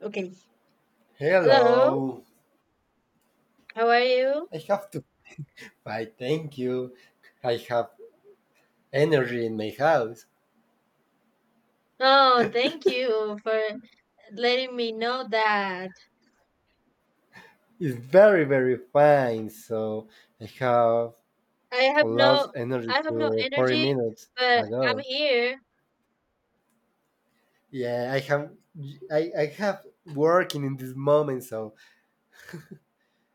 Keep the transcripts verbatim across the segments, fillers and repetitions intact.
Okay. Hello. Hello. How are you? I have to fight. Thank you. I have energy in my house. Oh, thank you for letting me know that. It's very, very fine. So I have I have lost no energy I have no to forty energy, minutes but I'm ago. here. Yeah, I have I, I have working in this moment, so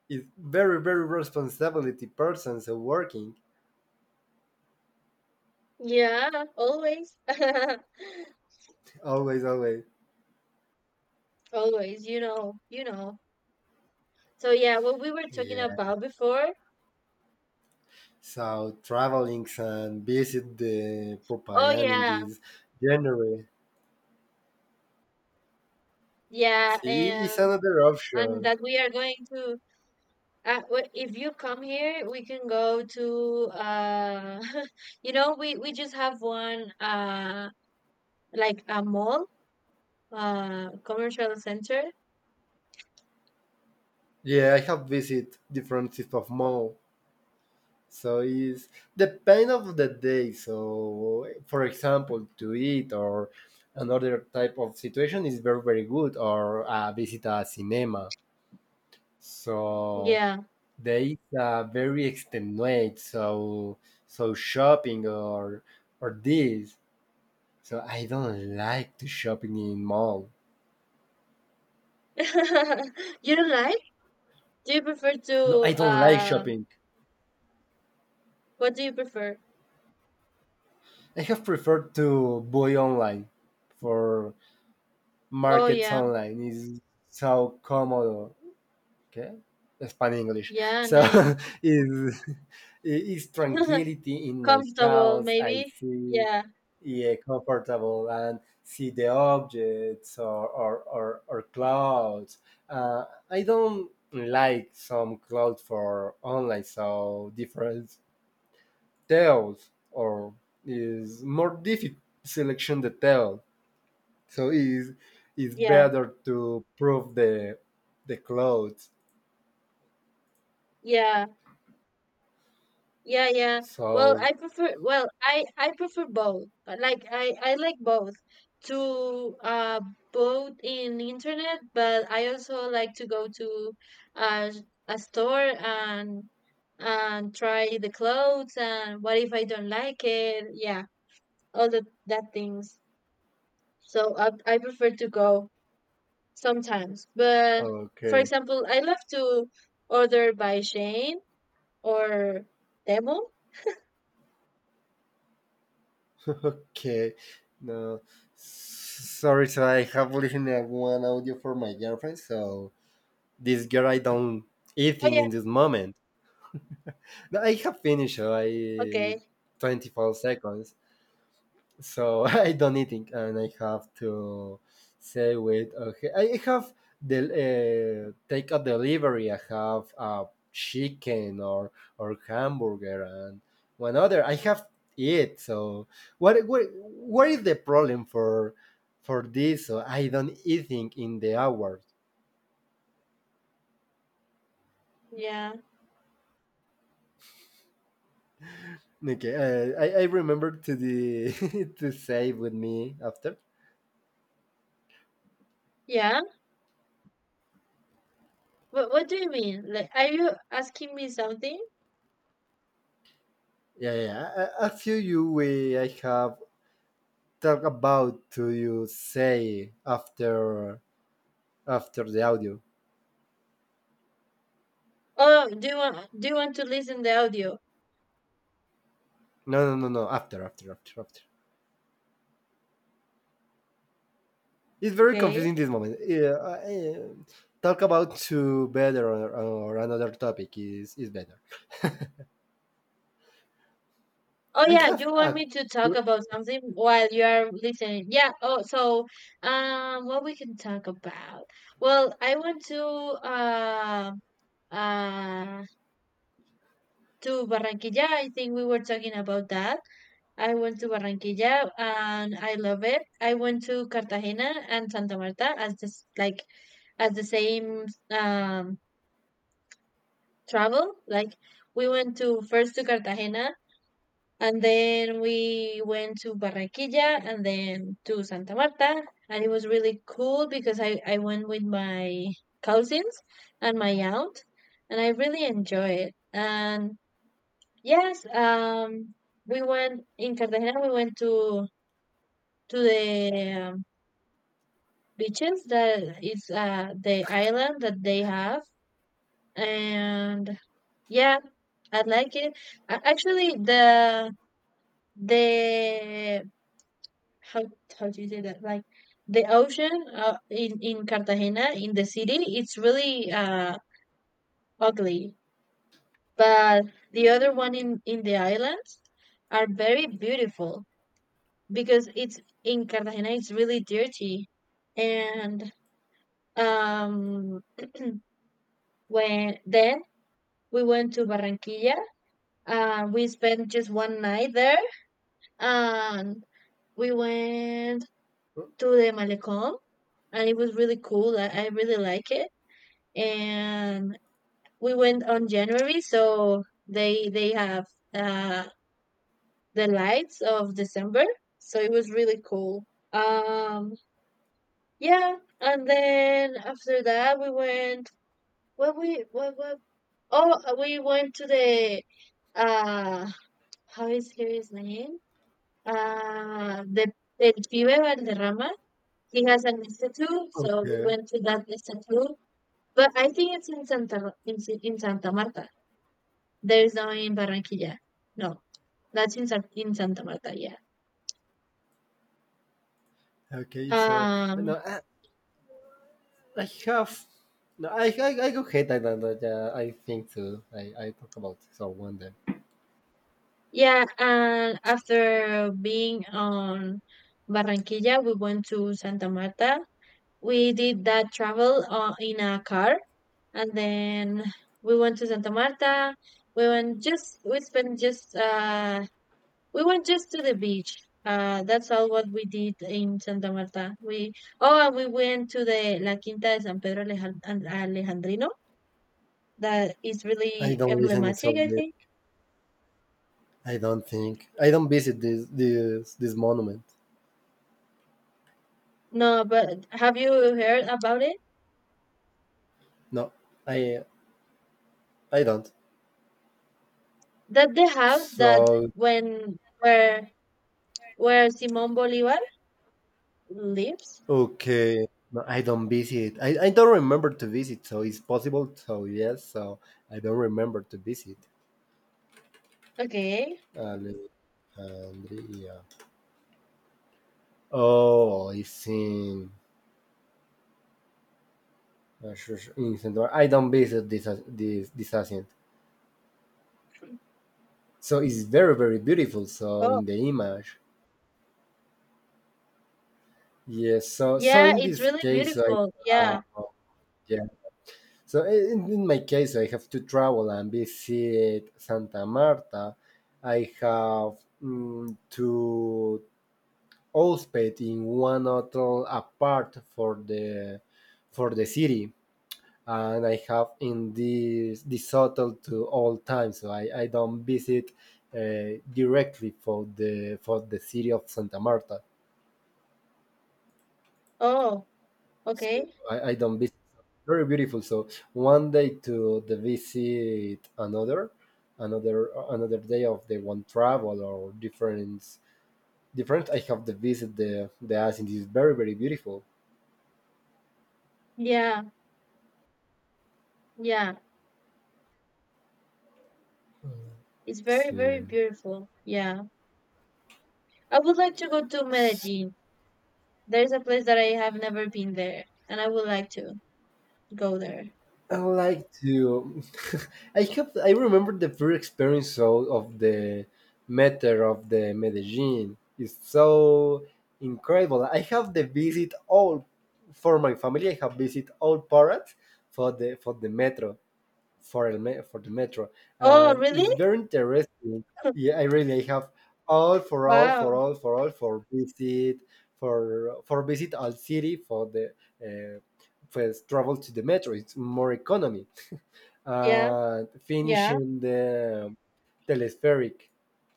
it's very, very responsibility person. So working Yeah, always. always, always. Always, you know, you know. So yeah, what we were talking Yeah. about before. So traveling and visit the Oh Popayan in yeah. this January. Yeah, See, it's and another and option. that we are going to uh, wh- if you come here, we can go to uh you know, we we just have one uh Like a mall, uh, commercial center. Yeah, I have visited different types of mall. So it's depend of the day. So for example, to eat or another type of situation is very very good or uh, visit a cinema. So Yeah. they uh, very extenuate. So so shopping or or this. So I don't like to shopping in mall. You don't like? Do you prefer to No, I don't like uh shopping. what do you prefer? I have preferred to buy online for Oh markets yeah. online is so cómodo, okay? Spanish English. Yeah, So nice. is is tranquility in my Comfortable house. I maybe. see Yeah. yeah comfortable and see the objects or or or, or clouds. Uh, I don't like some clouds for online, so different details or is more difficult selection detail so it's, it's Yeah. better to prove the the clothes Yeah. Yeah, yeah. Well, so I prefer well, I I prefer both. Uh, Like I I like both to uh both in internet, but I also like to go to uh a store and and try the clothes and what if I don't like it? Yeah, all the that things. So I I prefer to go sometimes. But for okay. example, I love to order by Shane or Temu. Okay, no, sorry, so I have listened to one audio for my girlfriend, so this girl I don't Oh eating yeah, in this moment. No, I have finished uh, I okay. twenty-four seconds so I don't eating, and I have to say, wait, okay, I I have the uh, take a delivery. I have uh, chicken or or hamburger and one other. I have it. So what what what is the problem for for this? So I don't eating in the hours. Yeah, Okay, uh, I I remember to the to say with me after. yeah. What what do you mean? Like, are you asking me something? Yeah, yeah, yeah. a I I feel you. We I have talk about do you say after after the audio. Oh, do you want do you want to listen the audio? No, no, no, no, after after after after, it's very confusing Okay. this moment, yeah, I- talk about to better or, or another topic is is better. Oh I yeah, have you want a me to talk about something while you are listening? Yeah. Oh, so um, what we can talk about? Well, I want to uh uh to Barranquilla. I think we were talking about that. I went to Barranquilla and I love it. I went to Cartagena and Santa Marta as just like as the same um, travel. Like we went to first to Cartagena and then we went to Barranquilla and then to Santa Marta. And it was really cool because I, I went with my cousins and my aunt and I really enjoy it. And yes, um, we went in Cartagena, we went to to the um, beaches that is uh, the island that they have. And yeah, I like it. A- Actually, the the how how do you say that? Like the ocean uh, in in Cartagena in the city, it's really uh ugly, but the other one in in the islands are very beautiful because it's in Cartagena. It's really dirty, and um when then we went to Barranquilla. Uh, we spent just one night there, and we went to the Malecón, and it was really cool. I, I really like it. And we went on January, so they they have uh, the lights of December, so it was really cool. Um, yeah, and then after that we went. What we what what? Oh, uh, we went to the uh how is his name? Uh, the El Pibe Valderrama. He has an institute, so we okay went to that institute. But I think it's in Santa in, Si- in Santa Marta. There's no in Barranquilla. No, that's in Sa- in Santa Marta. Yeah. okay so Um. no I, I have no, I, I, I go hate that, that, that uh, I think too. I, I talk about someone then. Yeah. And after being on Barranquilla, we went to Santa Marta. We did that travel uh, in a car, and then we went to Santa Marta. We went just we spent just uh We went just to the beach. Uh, that's all what we did in Santa Marta. We oh, and we went to the La Quinta de San Pedro Alejand- and Alejandrino. That is I really don't listen emblematic, I to think. I don't think. I don't visit this this this monument. No, but have you heard about it? No, I I don't. That the house that So when where where Simon Bolivar lives. okay, no, I don't visit. I, I don't remember to visit. So it's possible. So yes. So I don't remember to visit Okay. Alexandria. Oh, it's in uh, sure, sure, in Central. I don't visit this this this accent. So it's very very beautiful. So Oh, in the image, yes. So so yeah, in it's this really case, I beautiful. uh, Yeah. yes. So I- in, in my case, I have to travel and visit Santa Marta. I have mm, to hosped in one hotel apart for the for the city, and I have in this this hotel to all time. So I, I don't visit uh, directly for the for the city of Santa Marta. Oh, So okay. I, I done visit very beautiful. So one day to the visit another, another another day of the one travel or different different. I have the visit the the Asin. It's very very beautiful. Yeah, yeah. It's very, Sí. very beautiful. Yeah. I would like to go to Medellin. There's a place that I have never been there, and I would like to go there. I would like to. I have. I remember the first experience of, of the metro of the Medellin. It's so incredible. I have the visit all for my family. I have visit all parts for the for the metro for el me- for the metro, Oh, and really? it's very interesting. Yeah, I really have all for all for Wow. all for all for visit for for visit all city for the uh, first travel to the metro. It's more economy Yeah. and Yeah. finishing the telespheric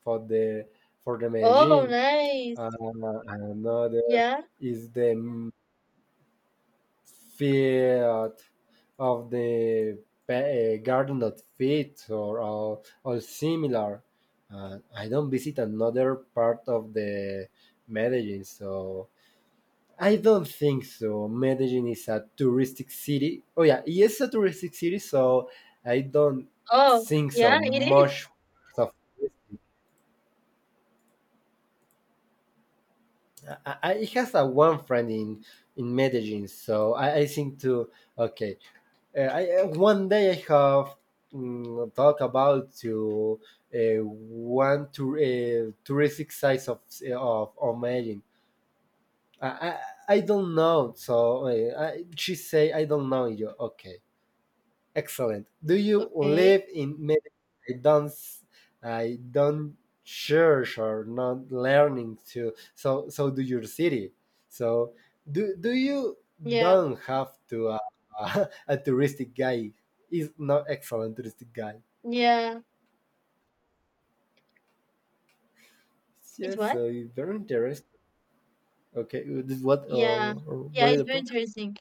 for the for the Oh, Medellin. nice. Uh, another Yeah. is the feet of the pa- uh, garden of feet or, or, or similar. Uh, I don't visit another part of the Medellin, so I don't think so. Medellin is a touristic city. Oh yeah, it is a touristic city, so I don't Oh, think so yeah, it is. much of I, I I has a one friend in in Medellin, so I, I think too. Okay, Uh, I, uh, one day I have mm, talked about to uh, one tour, uh, touristic sites of of Medellin. I, I I don't know. So uh, I, she say I don't know you. Okay. Excellent. Do you Okay. live in Medellin? I don't, I I don't church or not learning to. So, so do your city. So, do do you Yeah. don't have to uh, a touristic guy is not excellent touristic guy. Yeah. It's Yes, what? so it's very interesting. Okay, this what uh, Yeah. or Yeah, what is it's the very pro? interesting.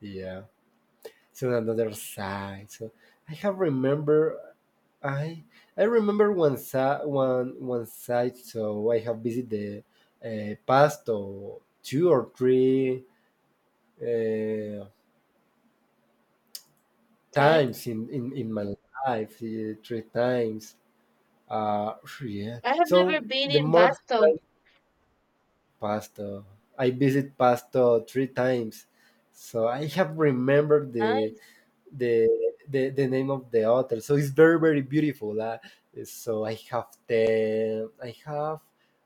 Yeah. So another side. So I have remember I I remember once I, one one site, so I have visited the uh, past or two or three uh, times Times? in, in, in my life, uh, three times. Uh, yeah. I have never So been the in more Pasto. time passed, uh, I visit Pasto three times. So I have remembered the Nice. the the, the name of the author. So it's very very beautiful. Uh, so I have the I have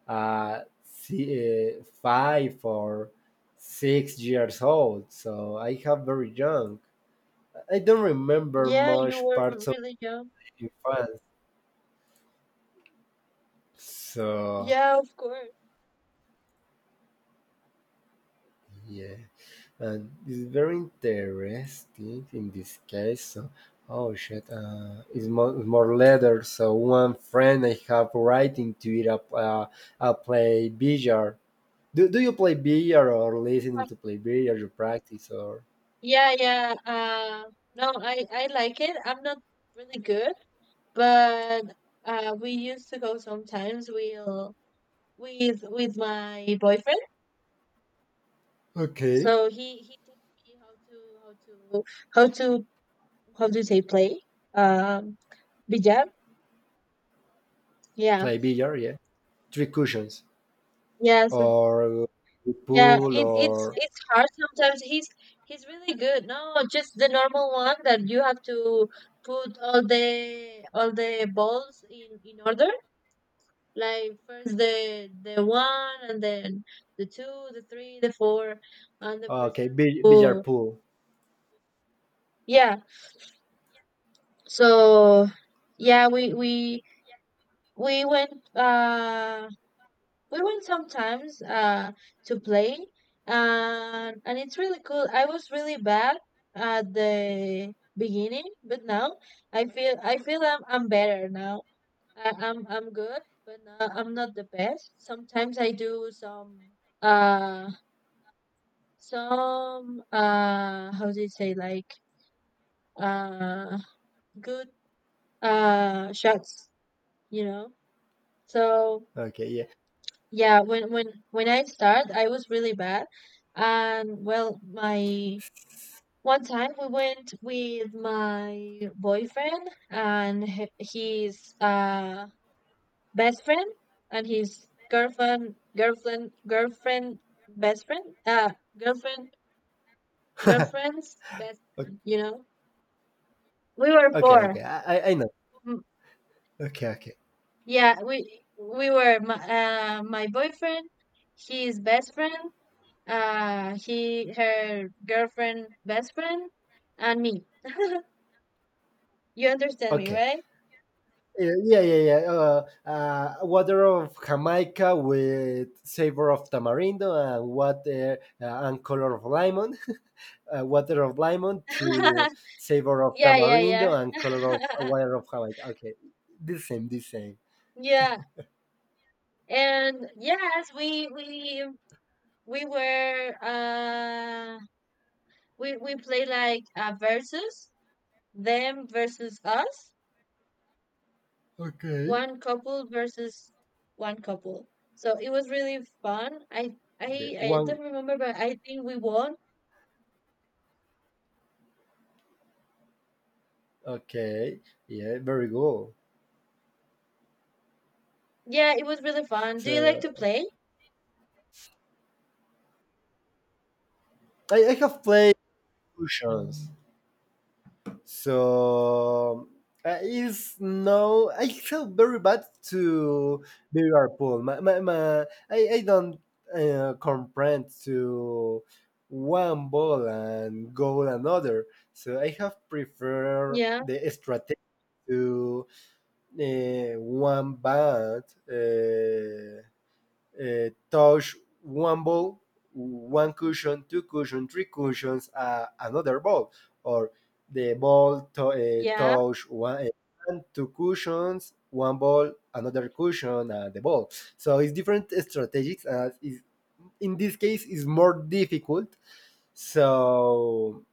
uh, si uh, five or six years old. So I have very young. I don't remember Yeah, you much were parts of really young. my infance. So Yeah, of course. yeah. Uh, it's very interesting in this case. So, oh shit, uh, it's more, more letters. So one friend I have writing to it up. Uh, I play billiard. Do, do you play billiard or listening to play billiard? You practice or Yeah, yeah. Uh, no, I I like it. I'm not really good. But uh, we used to go sometimes. We'll with with my boyfriend, so okay he he teaches me how to how to how to how to say play um bijab. Yeah, play billiard? Yeah, three cushions yes, or yeah. pool It it's or it's hard sometimes. He's he's really good. No, just the normal one that you have to put all the all the balls in in order like first the the one and then the two the three the four and the okay person bill- who billiard pool. yeah so yeah we we we went uh we went sometimes uh to play and and it's really cool. I was really bad at the beginning but now i feel i feel i'm, I'm better now. I, i'm I'm good but now I'm not the best. Sometimes I do some uh Some uh how do you say like uh good uh shots, you know? So Okay, yeah. yeah, when when when I start I was really bad. And well my one time we went with my boyfriend and h- his uh best friend and his girlfriend girlfriend girlfriend best friend uh girlfriend girlfriend's best you know we were Okay, four. okay. I I I know. Okay, okay, Yeah, we we were my, uh, my boyfriend, his best friend, uh, he her girlfriend best friend, and me. You understand me, okay. right? Yeah, yeah, yeah. yeah. Uh, uh, water of Jamaica with savor of tamarindo and water uh, and color of lemon. uh, water of lemon to savor of Yeah, yeah, yeah. tamarindo and color of uh, water of Jamaica. Okay, the same, the same. Yeah, and yes, we we we were uh we we play like a versus them versus us. Okay. One couple versus one couple. So it was really fun. I The I I don't one. remember, but I think we won. Okay. Yeah, very good. Yeah, it was really fun. Do you like So to play? I, I have played Oceans. So uh, it's no, I feel very bad to Liverpool. My, my, my, I, I don't uh, comprehend to one ball and goal another. So I have preferred Yeah, the strategy to uh, one bad. Uh, uh, touch one ball, one cushion, two cushions, three cushions, uh, another ball, or the ball to, uh, yeah, touch one, uh, one, two cushions, one ball, another cushion, uh, the ball. So it's different strategies. Uh, is in this case it's more difficult. So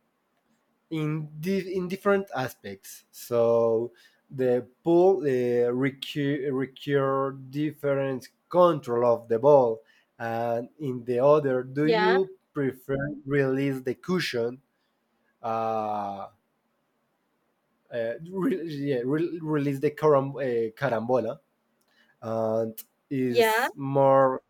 in di- in different aspects. So the pool uh, require, require different control of the ball, and in the other, do yeah, you prefer release the cushion? Uh, uh, re- yeah, re- release the caram- uh, carambola, and yeah, is more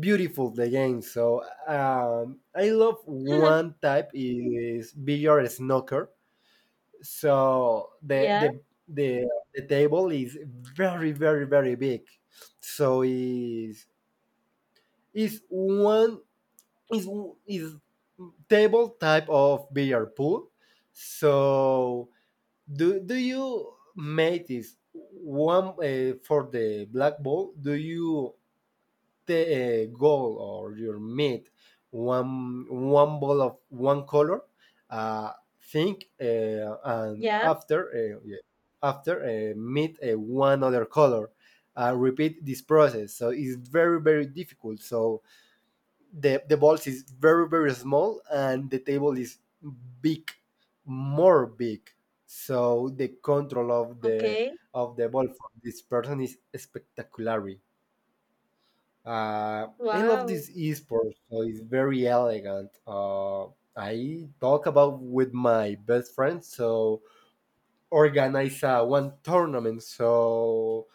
beautiful the game. So um, I love one type is billiard snooker so the yeah, the the, the table is very very very big so is is one is is table type of billiard pool so do do you make this one uh, for the black ball do you the goal or your meat one one ball of one color uh, think uh, and yeah. after uh, yeah, after uh, meet uh, one other color uh, repeat this process so it's very very difficult so the the balls is very very small and the table is big more big so the control of the Okay. of the ball for this person is spectacular. uh, I love Wow. this esports, so it's very elegant. Uh, I talk about with my best friend, so organize uh, one tournament, so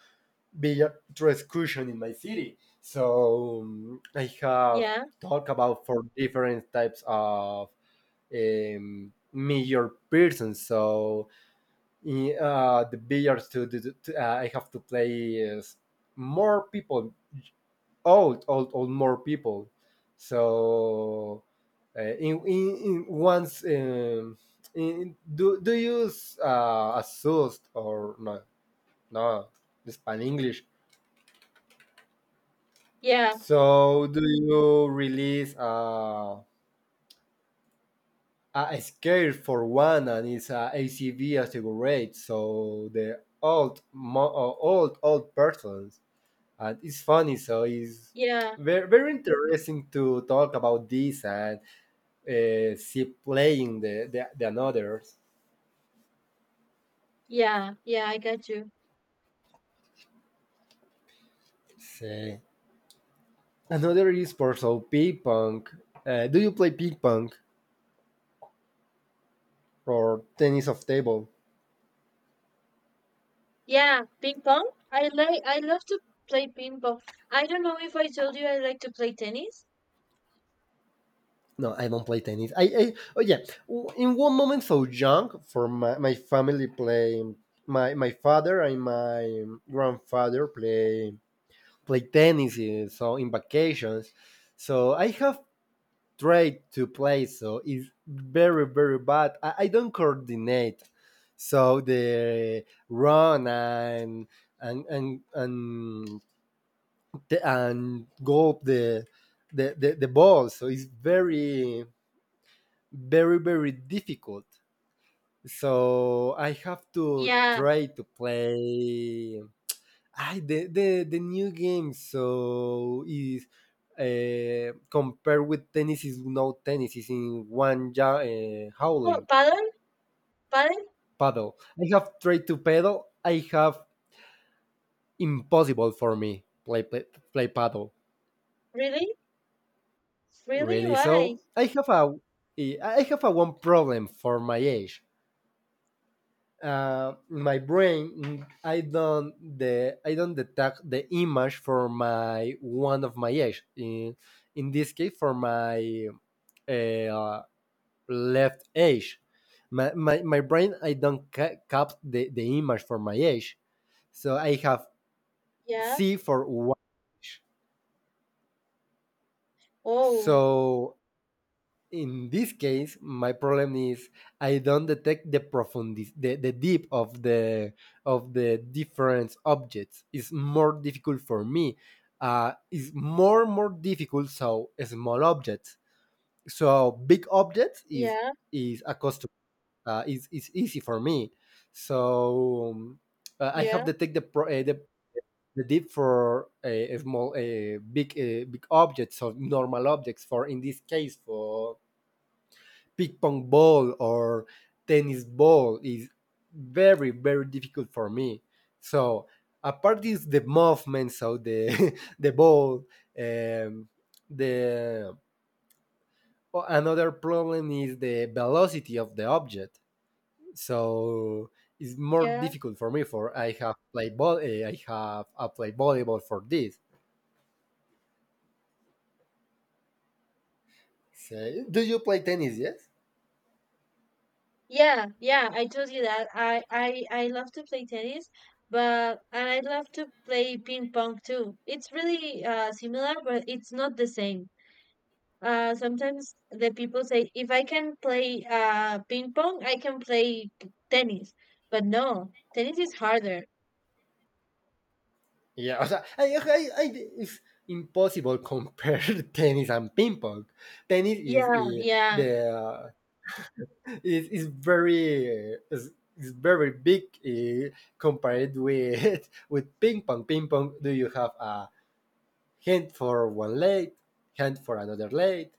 Beatriz Cushion in my city. So um, I have Yeah, talk about for different types of um, major persons. So in, uh, the billiards to, to, to uh, I have to play is more people old old old more people so uh, in, in, in once um, in, do, do you use uh, a or no no the Spanish English yeah, so do you release uh, a scale for one and it's a ACV as a rate so the old mo- uh, old old persons and it's funny so it's yeah, very, very interesting to talk about this and uh, see playing the, the, the another's. yeah, yeah. I got you. Say another is also ping pong. Uh, do you play ping pong or tennis of table? Yeah, ping pong. I like. I love to play ping pong. I don't know if I told you I like to play tennis. No, I don't play tennis. I, I oh yeah, in one moment so young for my, my family play my my father and my grandfather play play tennis eh, so in vacations. So I have trade to play, so it's very very bad. I, I don't coordinate, so the run and and and and and go up the the, the, the ball, so it's very very very difficult. So I have to Yeah. try to play I, the, the the new game so is uh, compared with tennis is no tennis is in one ja- uh, Oh, howling paddle, paddle. paddle. I have tried to paddle. I have impossible for me play play, play paddle Really? Really? really. Why? So I have a eh, I have a one problem for my age. Uh, my brain mm, I don't the I don't detect the image for my one of my age in in this case for my uh, left edge. My, my, my brain, I don't ca- cap the, the image for my age. So I have Yeah. C for Y. Oh, So in this case, my problem is I don't detect the profundity, the, the deep of the of the different objects. It's more difficult for me. Uh, it's more more difficult. So a small objects. So big objects is yeah, is a cost. uh, it's is easy for me. So um, uh, I have yeah, to take the pro- uh, the, the dip for a, a small a big uh big objects or normal objects. For in this case, for ping pong ball or tennis ball is very very difficult for me. So apart is the movement, so the the ball, um, the another problem is the velocity of the object so it's more yeah, difficult for me. For I have played ball, eh, I have I played volleyball for this. Say, do you play tennis? Yes. yeah, yeah. I told you that. I, I, I love to play tennis, but and I love to play ping pong too. It's really uh similar, but it's not the same. Uh, sometimes the people say if I can play uh ping pong, I can play p- tennis. But no, tennis is harder. Yeah. O sea, I, I, I, it's impossible compare tennis and ping pong. Tennis is Yeah, eh, yeah, the uh, is is very. Uh, is, is very big eh, compared with with ping pong. Ping pong, do you have a hand for one leg, hand for another leg,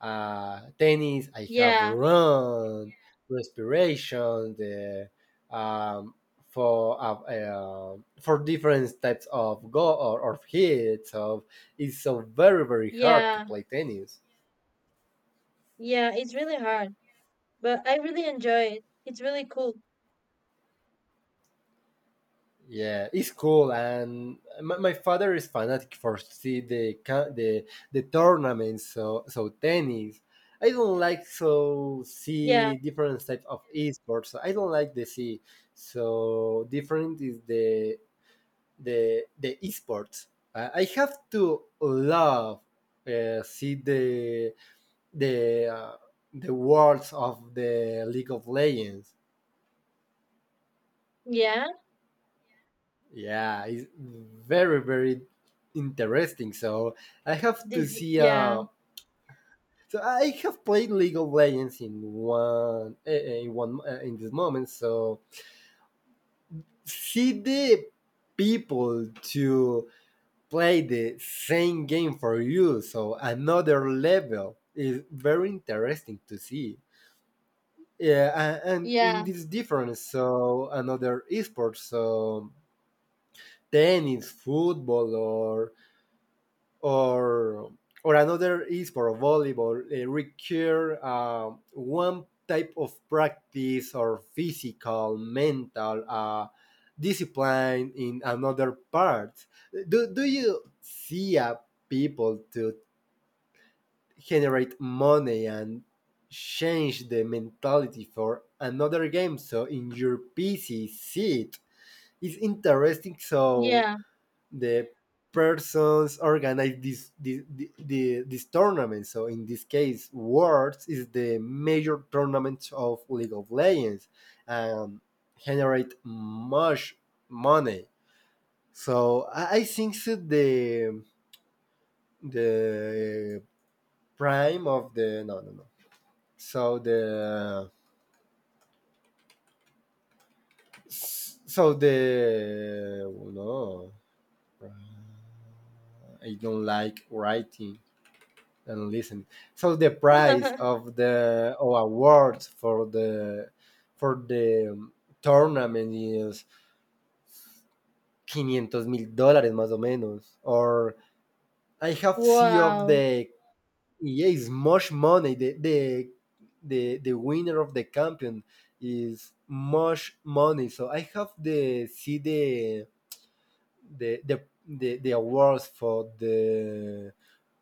uh, tennis. I have yeah, run, respiration, the um, for uh, uh, for different types of go or, or hits. So it's so very very hard to yeah, play tennis. yeah. It's really hard, but I really enjoy it. It's really cool. Yeah, it's cool, and my, my father is fanatic for see the ca- the the tournaments. So so tennis. I don't like so Yeah, see different types of esports. So I don't like the see. So different is the the the esports. Uh, I have to love uh, see the the uh, the worlds of the League of Legends. yeah. Yeah, it's very very interesting. So I have to Diff see. yeah, Uh, so I have played League of Legends in one eh, eh, in one eh, in this moment. So see the people to play the same game for you so another level is very interesting to see yeah a- and in yeah, this difference so another esports so tennis football or or or another esport volleyball uh, require uh, one type of practice or physical mental uh, discipline in another part do, do you see a people to generate money and change the mentality for another game. So in your P C seat, it's interesting. So yeah. the persons organize this this, this this tournament. So in this case, Worlds is the major tournament of League of Legends and generate much money. So I I think so the the prime of the no no no So the so the oh no, I don't like writing and listening. So the prize of the or awards for the for the um, tournament is quinientos mil dólares más o menos. Or I have see of Wow. the yeah, it's much money. The the the the winner of the champion is much money. So I have the see the the the the, the awards for the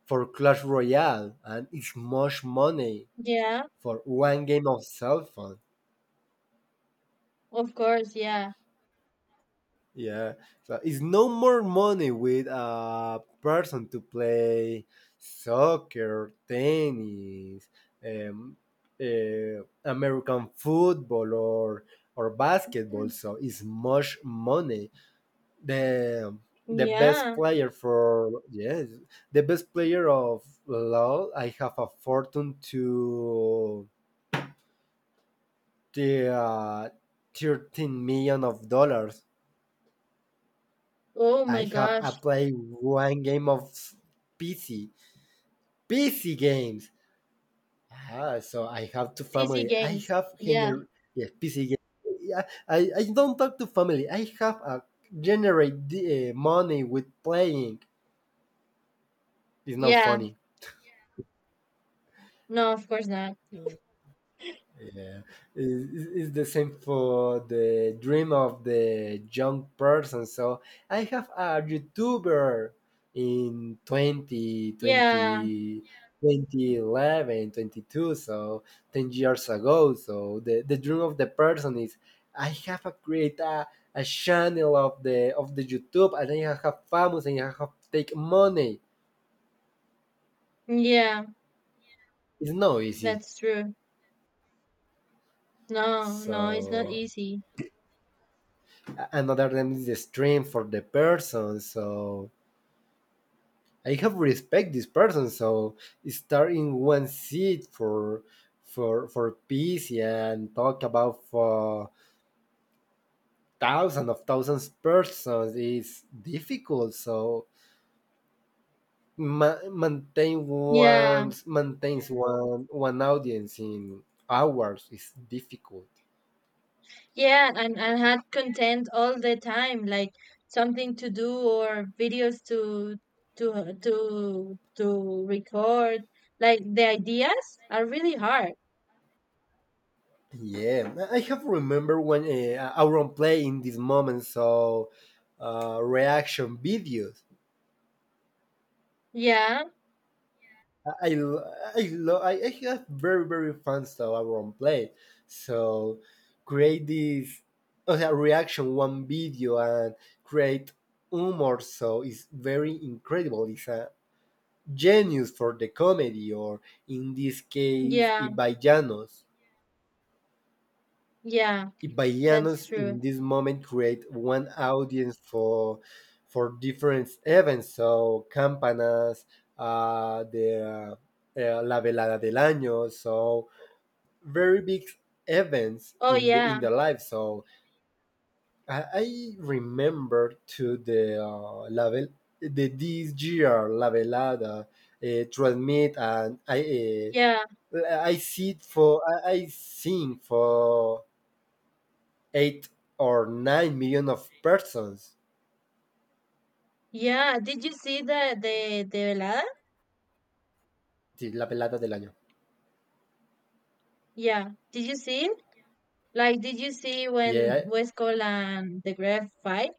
for Clash Royale, and it's much money Yeah, for one game of cell phone. of course, yeah. Yeah, so it's no more money with a person to play soccer, tennis, um, uh, American football, or or basketball. Mm. So it's much money the the best Yeah. player for yes the best player of LOL I have a fortune to the uh, thirteen million of dollars. Oh I my have I gosh. play one game of P C P C games ah, so I have two P C family I games. have Yeah. gener yes P C games yeah, I, I don't talk to family I have a generate the, uh, money with playing. It's not Yeah. funny. No, of course not. Yeah, it's, it's it's the same for the dream of the young person. So I have a YouTuber in twenty Yeah. twenty twenty eleven, twenty two. So ten years ago. So the, the dream of the person is I have a create a, a channel of the of the YouTube and I have famous and I have take money. Yeah, It's not easy. that's true. No, no, it's not So easy. another name is the stream for the person. So I have respect this person. So start in one seat for for for peace and talk about for thousands of thousands persons is difficult. So ma- maintain Yeah. one maintains one one audience in hours is difficult. Yeah, and and had content all the time, like something to do or videos to to to to record. Like the ideas are really hard. Yeah, I I have remember when uh, Auron play in this moment, so uh, reaction videos. Yeah, I I lo- I, lo- I I have very very fans of Auron play, so create this uh, reaction one video and create humor. So it's very incredible. It's a genius for the comedy, or in this case, yeah, Ibaianos. yeah, that's Ibayanos true. in this moment create one audience for for different events. So campanas, uh, the uh, eh, la velada del año. So very big events Oh in the in yeah, the life. So I, I remember to the uh, la vel- the this year la velada uh, transmit and I. yeah, Uh, I see it for I, I sing for eight or nine million of persons yeah. Did you see the the the velada? till la pelada del año. Yeah. Did you see it? Like, did you see when Yeah, West Cole and the Gref fight?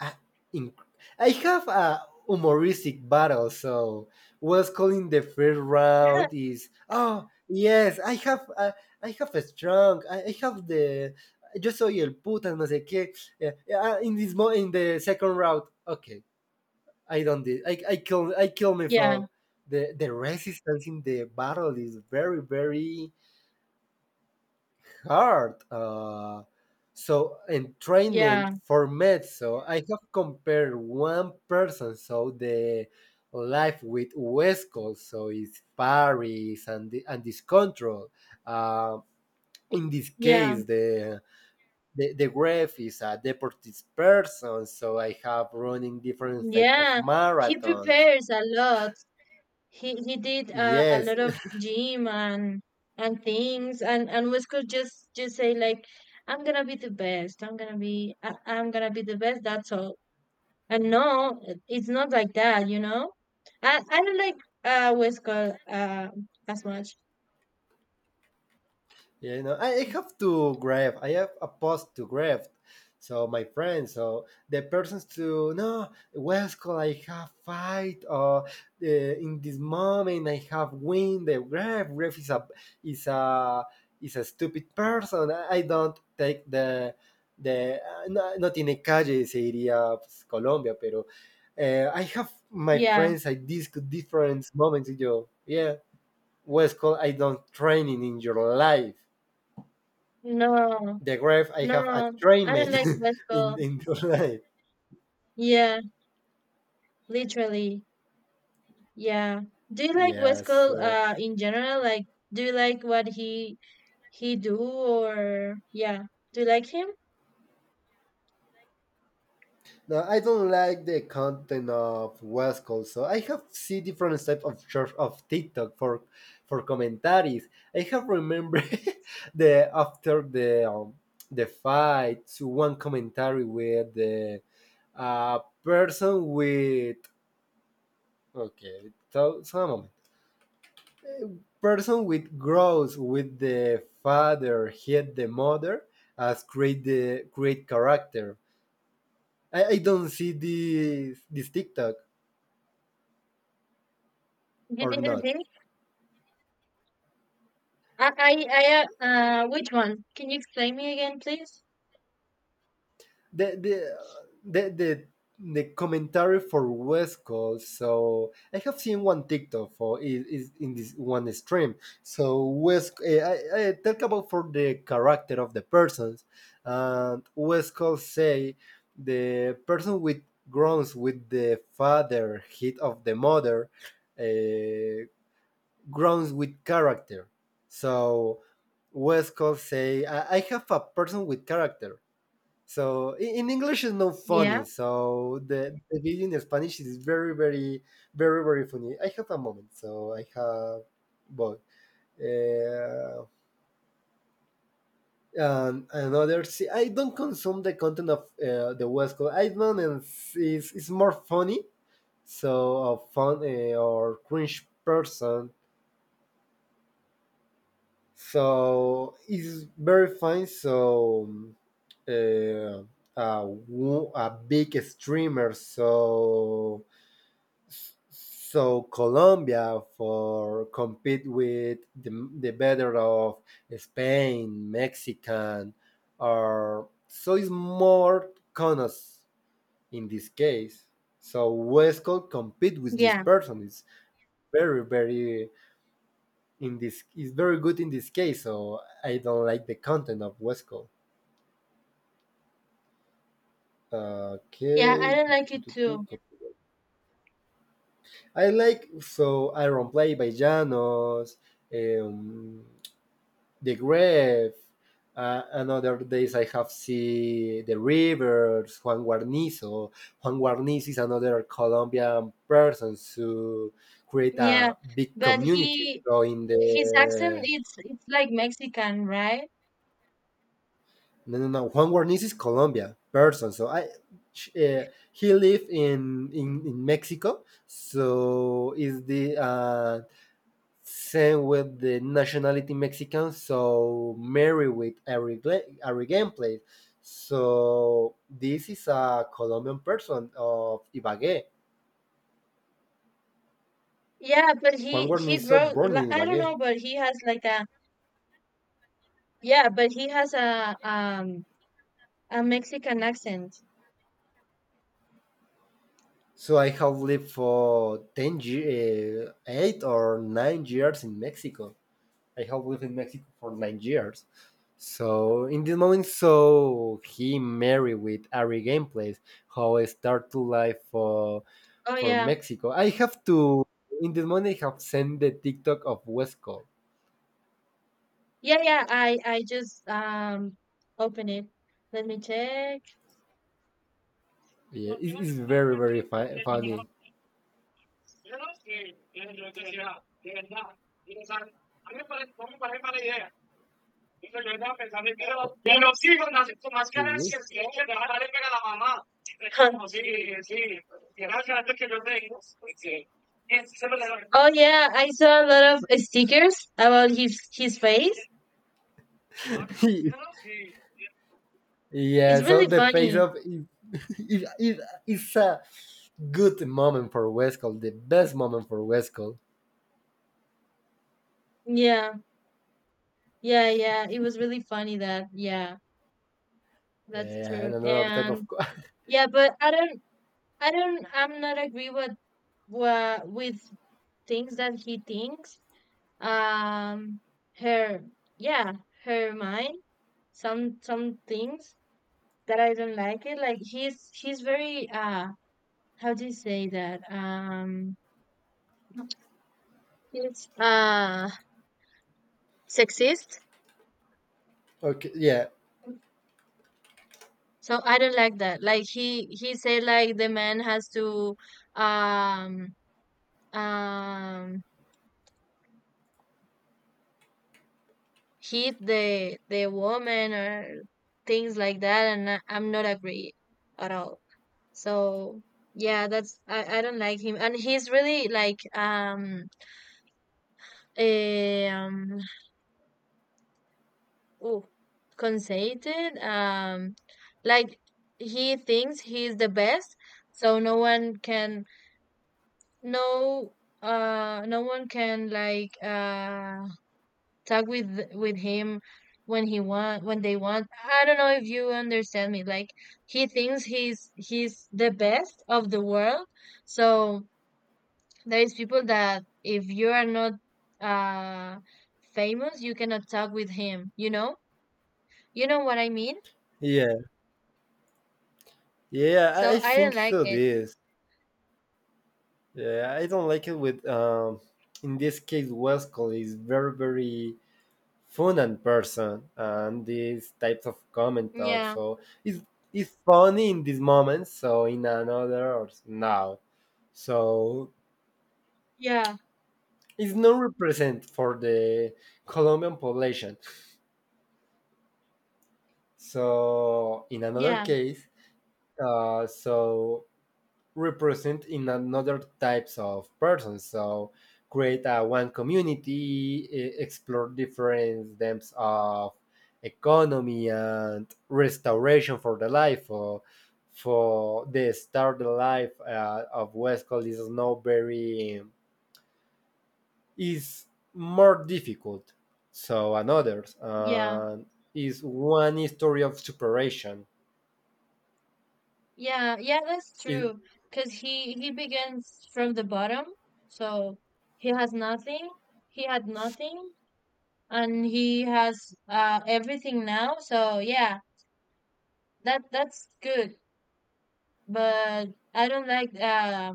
I, I, I have a humoristic battle, so was calling the first Yeah. round is oh yes, I have a I have a strong, I, I have the yo soy el puta, no sé qué. Yeah, yeah, in this mo in the second round, okay, I don't did I I kill I kill me Yeah, for the the resistance in the battle is very very hard uh, so entrainment yeah, for meds so I have compared one person so the life with Westcol so it's paris and the, and this control uh, in this yeah, case the the, the graph is a deportees person so I have running different type of yeah. He marathons. prepares a lot. He he did uh, a Yes. lot of gym and and things and and West Cole just just say like, I'm gonna be the best. I'm gonna be I, I'm gonna be the best. That's all. And no, it- it's not like that, you know? I, I don't like uh Westcott uh as much. Yeah, you know, I I have to grab. I have a post to grab. So my friend, so the persons to no Wesco, I have fight or uh, in this moment I have win the grab. Grab is a is a is a stupid person. I, I don't take the the uh, no, no tiene calle se diría pues, Colombia, pero uh, I have my Yeah. friends. I discuss different moments. You, yeah, Wesco, I don't training in your life No. the grave I have a No. I don't treatment like in Westcott. in the life. Yeah, literally. Yeah. Do you like Yeah, Westcott so uh in general? Like do you like what he he do or yeah. Do you like him? no, I don't like the content of West Coast. So I have see different types of church of TikTok for for commentaries. I have remember the after the um, the fight to one commentary with the uh, person with okay so, so person with grows with the father, hit the mother, as create the great character. I, I don't see this this TikTok You or didn't not. see? I I, I uh uh, which one? Can you explain me again please? the the the the the commentary for West. So I have seen one TikTok for is, is in this one stream. So West, eh, I, I talk about for the character of the persons, and West say the person with groans with the father hit of the mother, uh, groans with character. So West say I, I have a person with character so in, in English is not Yeah. funny. So the, the video in Spanish is very, very, very, very funny. I have a moment. So I have, both uh, and another. See, I don't consume the content of uh, the West Coast. I don't. And It's, it's more funny. So a fun uh, or cringe person. So it's very fine. So um, uh, a, wo- a big streamer. So S- so Colombia for compete with the, the better of Spain, Mexican, or so it's more conos in this case. So Westcott compete with this Yeah. person. It's very very in this. It's very good in this case. So I don't like the content of Westcott. Yeah, I Okay, don't tu- tu- like it tu- tu- too. tu. I like so Iron Play by Janos. Um, the grave. Uh, and other days I have seen the rivers, Juan Guarnizo. Juan Guarnizo is another Colombian person to create Yeah. a big But community. he So in His accent the it's it's like Mexican, right? no no no Juan Guarnizo is Colombian person. So I uh, he lived in, in in Mexico. So is the uh, same with the nationality Mexican, so Mary with every gla- every gameplay. So this is a Colombian person of Ibagué, Yeah, but Juan he he Guarnizo, wrote born li- in I don't Ibagué. know, but he has like a yeah, but he has a um a Mexican accent. So I have lived for ten ye- eh, eight or nine years in Mexico. I have lived in Mexico for nine years. So in this moment, so he married with Ari Gameplays, how I start to live for Oh for yeah. Mexico. I have to in this moment I have sent the TikTok of Wesco. Yeah, yeah, I I just um open it. Let me check. Yeah, it's very very fu- funny. Mhm. Oh yeah, I saw a lot of uh, stickers about his his face. Yeah, It's so really the face funny. of it, it, it, it's a good moment for Wesco, the best moment for Wesco. Yeah. Yeah, yeah, it was really funny that. Yeah. That's Yeah, and true. another type of And yeah, but I don't I don't I'm not agree with wa with things that he thinks. Um her yeah, her mind, some some things that I don't like it. Like he's he's very uh how do you say that? Um he's uh sexist. okay, yeah, So I don't like that. Like he he said like the man has to um um hit the the woman or things like that and I, I'm not agree at all so yeah that's I, I don't like him and he's really like um eh, um oh conceited um like he thinks he's the best so no one can no uh no one can like uh talk with with him when he want when they want. I don't know if you understand me. Like he thinks he's he's the best of the world. So there is people that if you are not uh famous, you cannot talk with him. You know, you know what I mean. yeah. Yeah, I, So I I do not think like so. it. This, yeah, I don't like it with um, in this case, Westcall is very very fun and person, and these types of comments are Yeah, so it's it's funny in these moments. So in another or s- now, so yeah, it's not represent for the Colombian population. So in another yeah, case, uh, so represent in another types of persons so create a one community e- explore different depths of economy and restoration for the life for, for the start the life uh, of west is not very is more difficult so another yeah, others is one story of separation. yeah, yeah. That's Is true. Cause he he begins from the bottom. So he has nothing. He had nothing and he has uh everything now so yeah that that's good but I don't like uh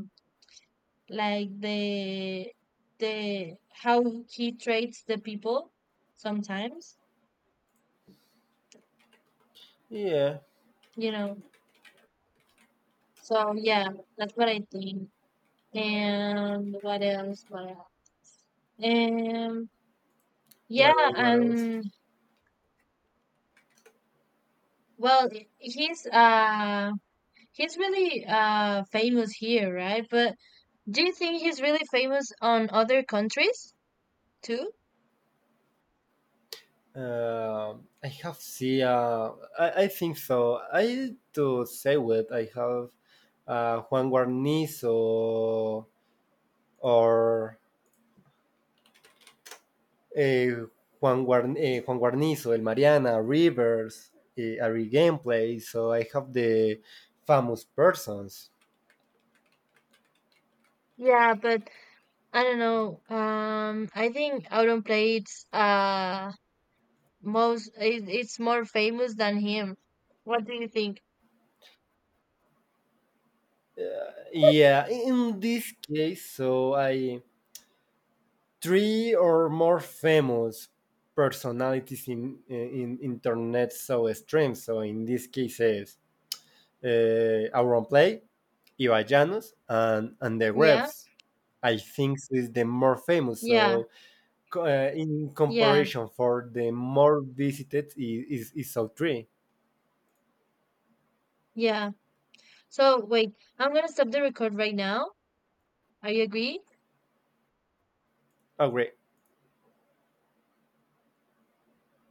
like the the how he treats the people sometimes yeah you know so yeah that's what I think and what else what else um yeah what else what else. and well he's uh he's really uh famous here right but do you think he's really famous on other countries too. Uh, I have see. Uh, I, I think so. I to say with I have uh, Juan Guarnizo or eh, Juan, Guarn- eh, Juan Guarnizo, El Mariana, Rivers, eh, Ari Gameplay. So I have the famous persons. Yeah, but I don't know. Um, I think Auron plays uh most. It, it's more famous than him. What do you think? Yeah, in this case, so I three or more famous personalities in in internet so streams. So in this case is uh, Auron Play, Ibai Llanos, and, and the Yeah, Rebs. I think is the more famous. yeah, So uh, in yeah, comparison, for the more visited is is, is South Tree. yeah. So wait, I'm gonna stop the record right now. Are you agree? Agree.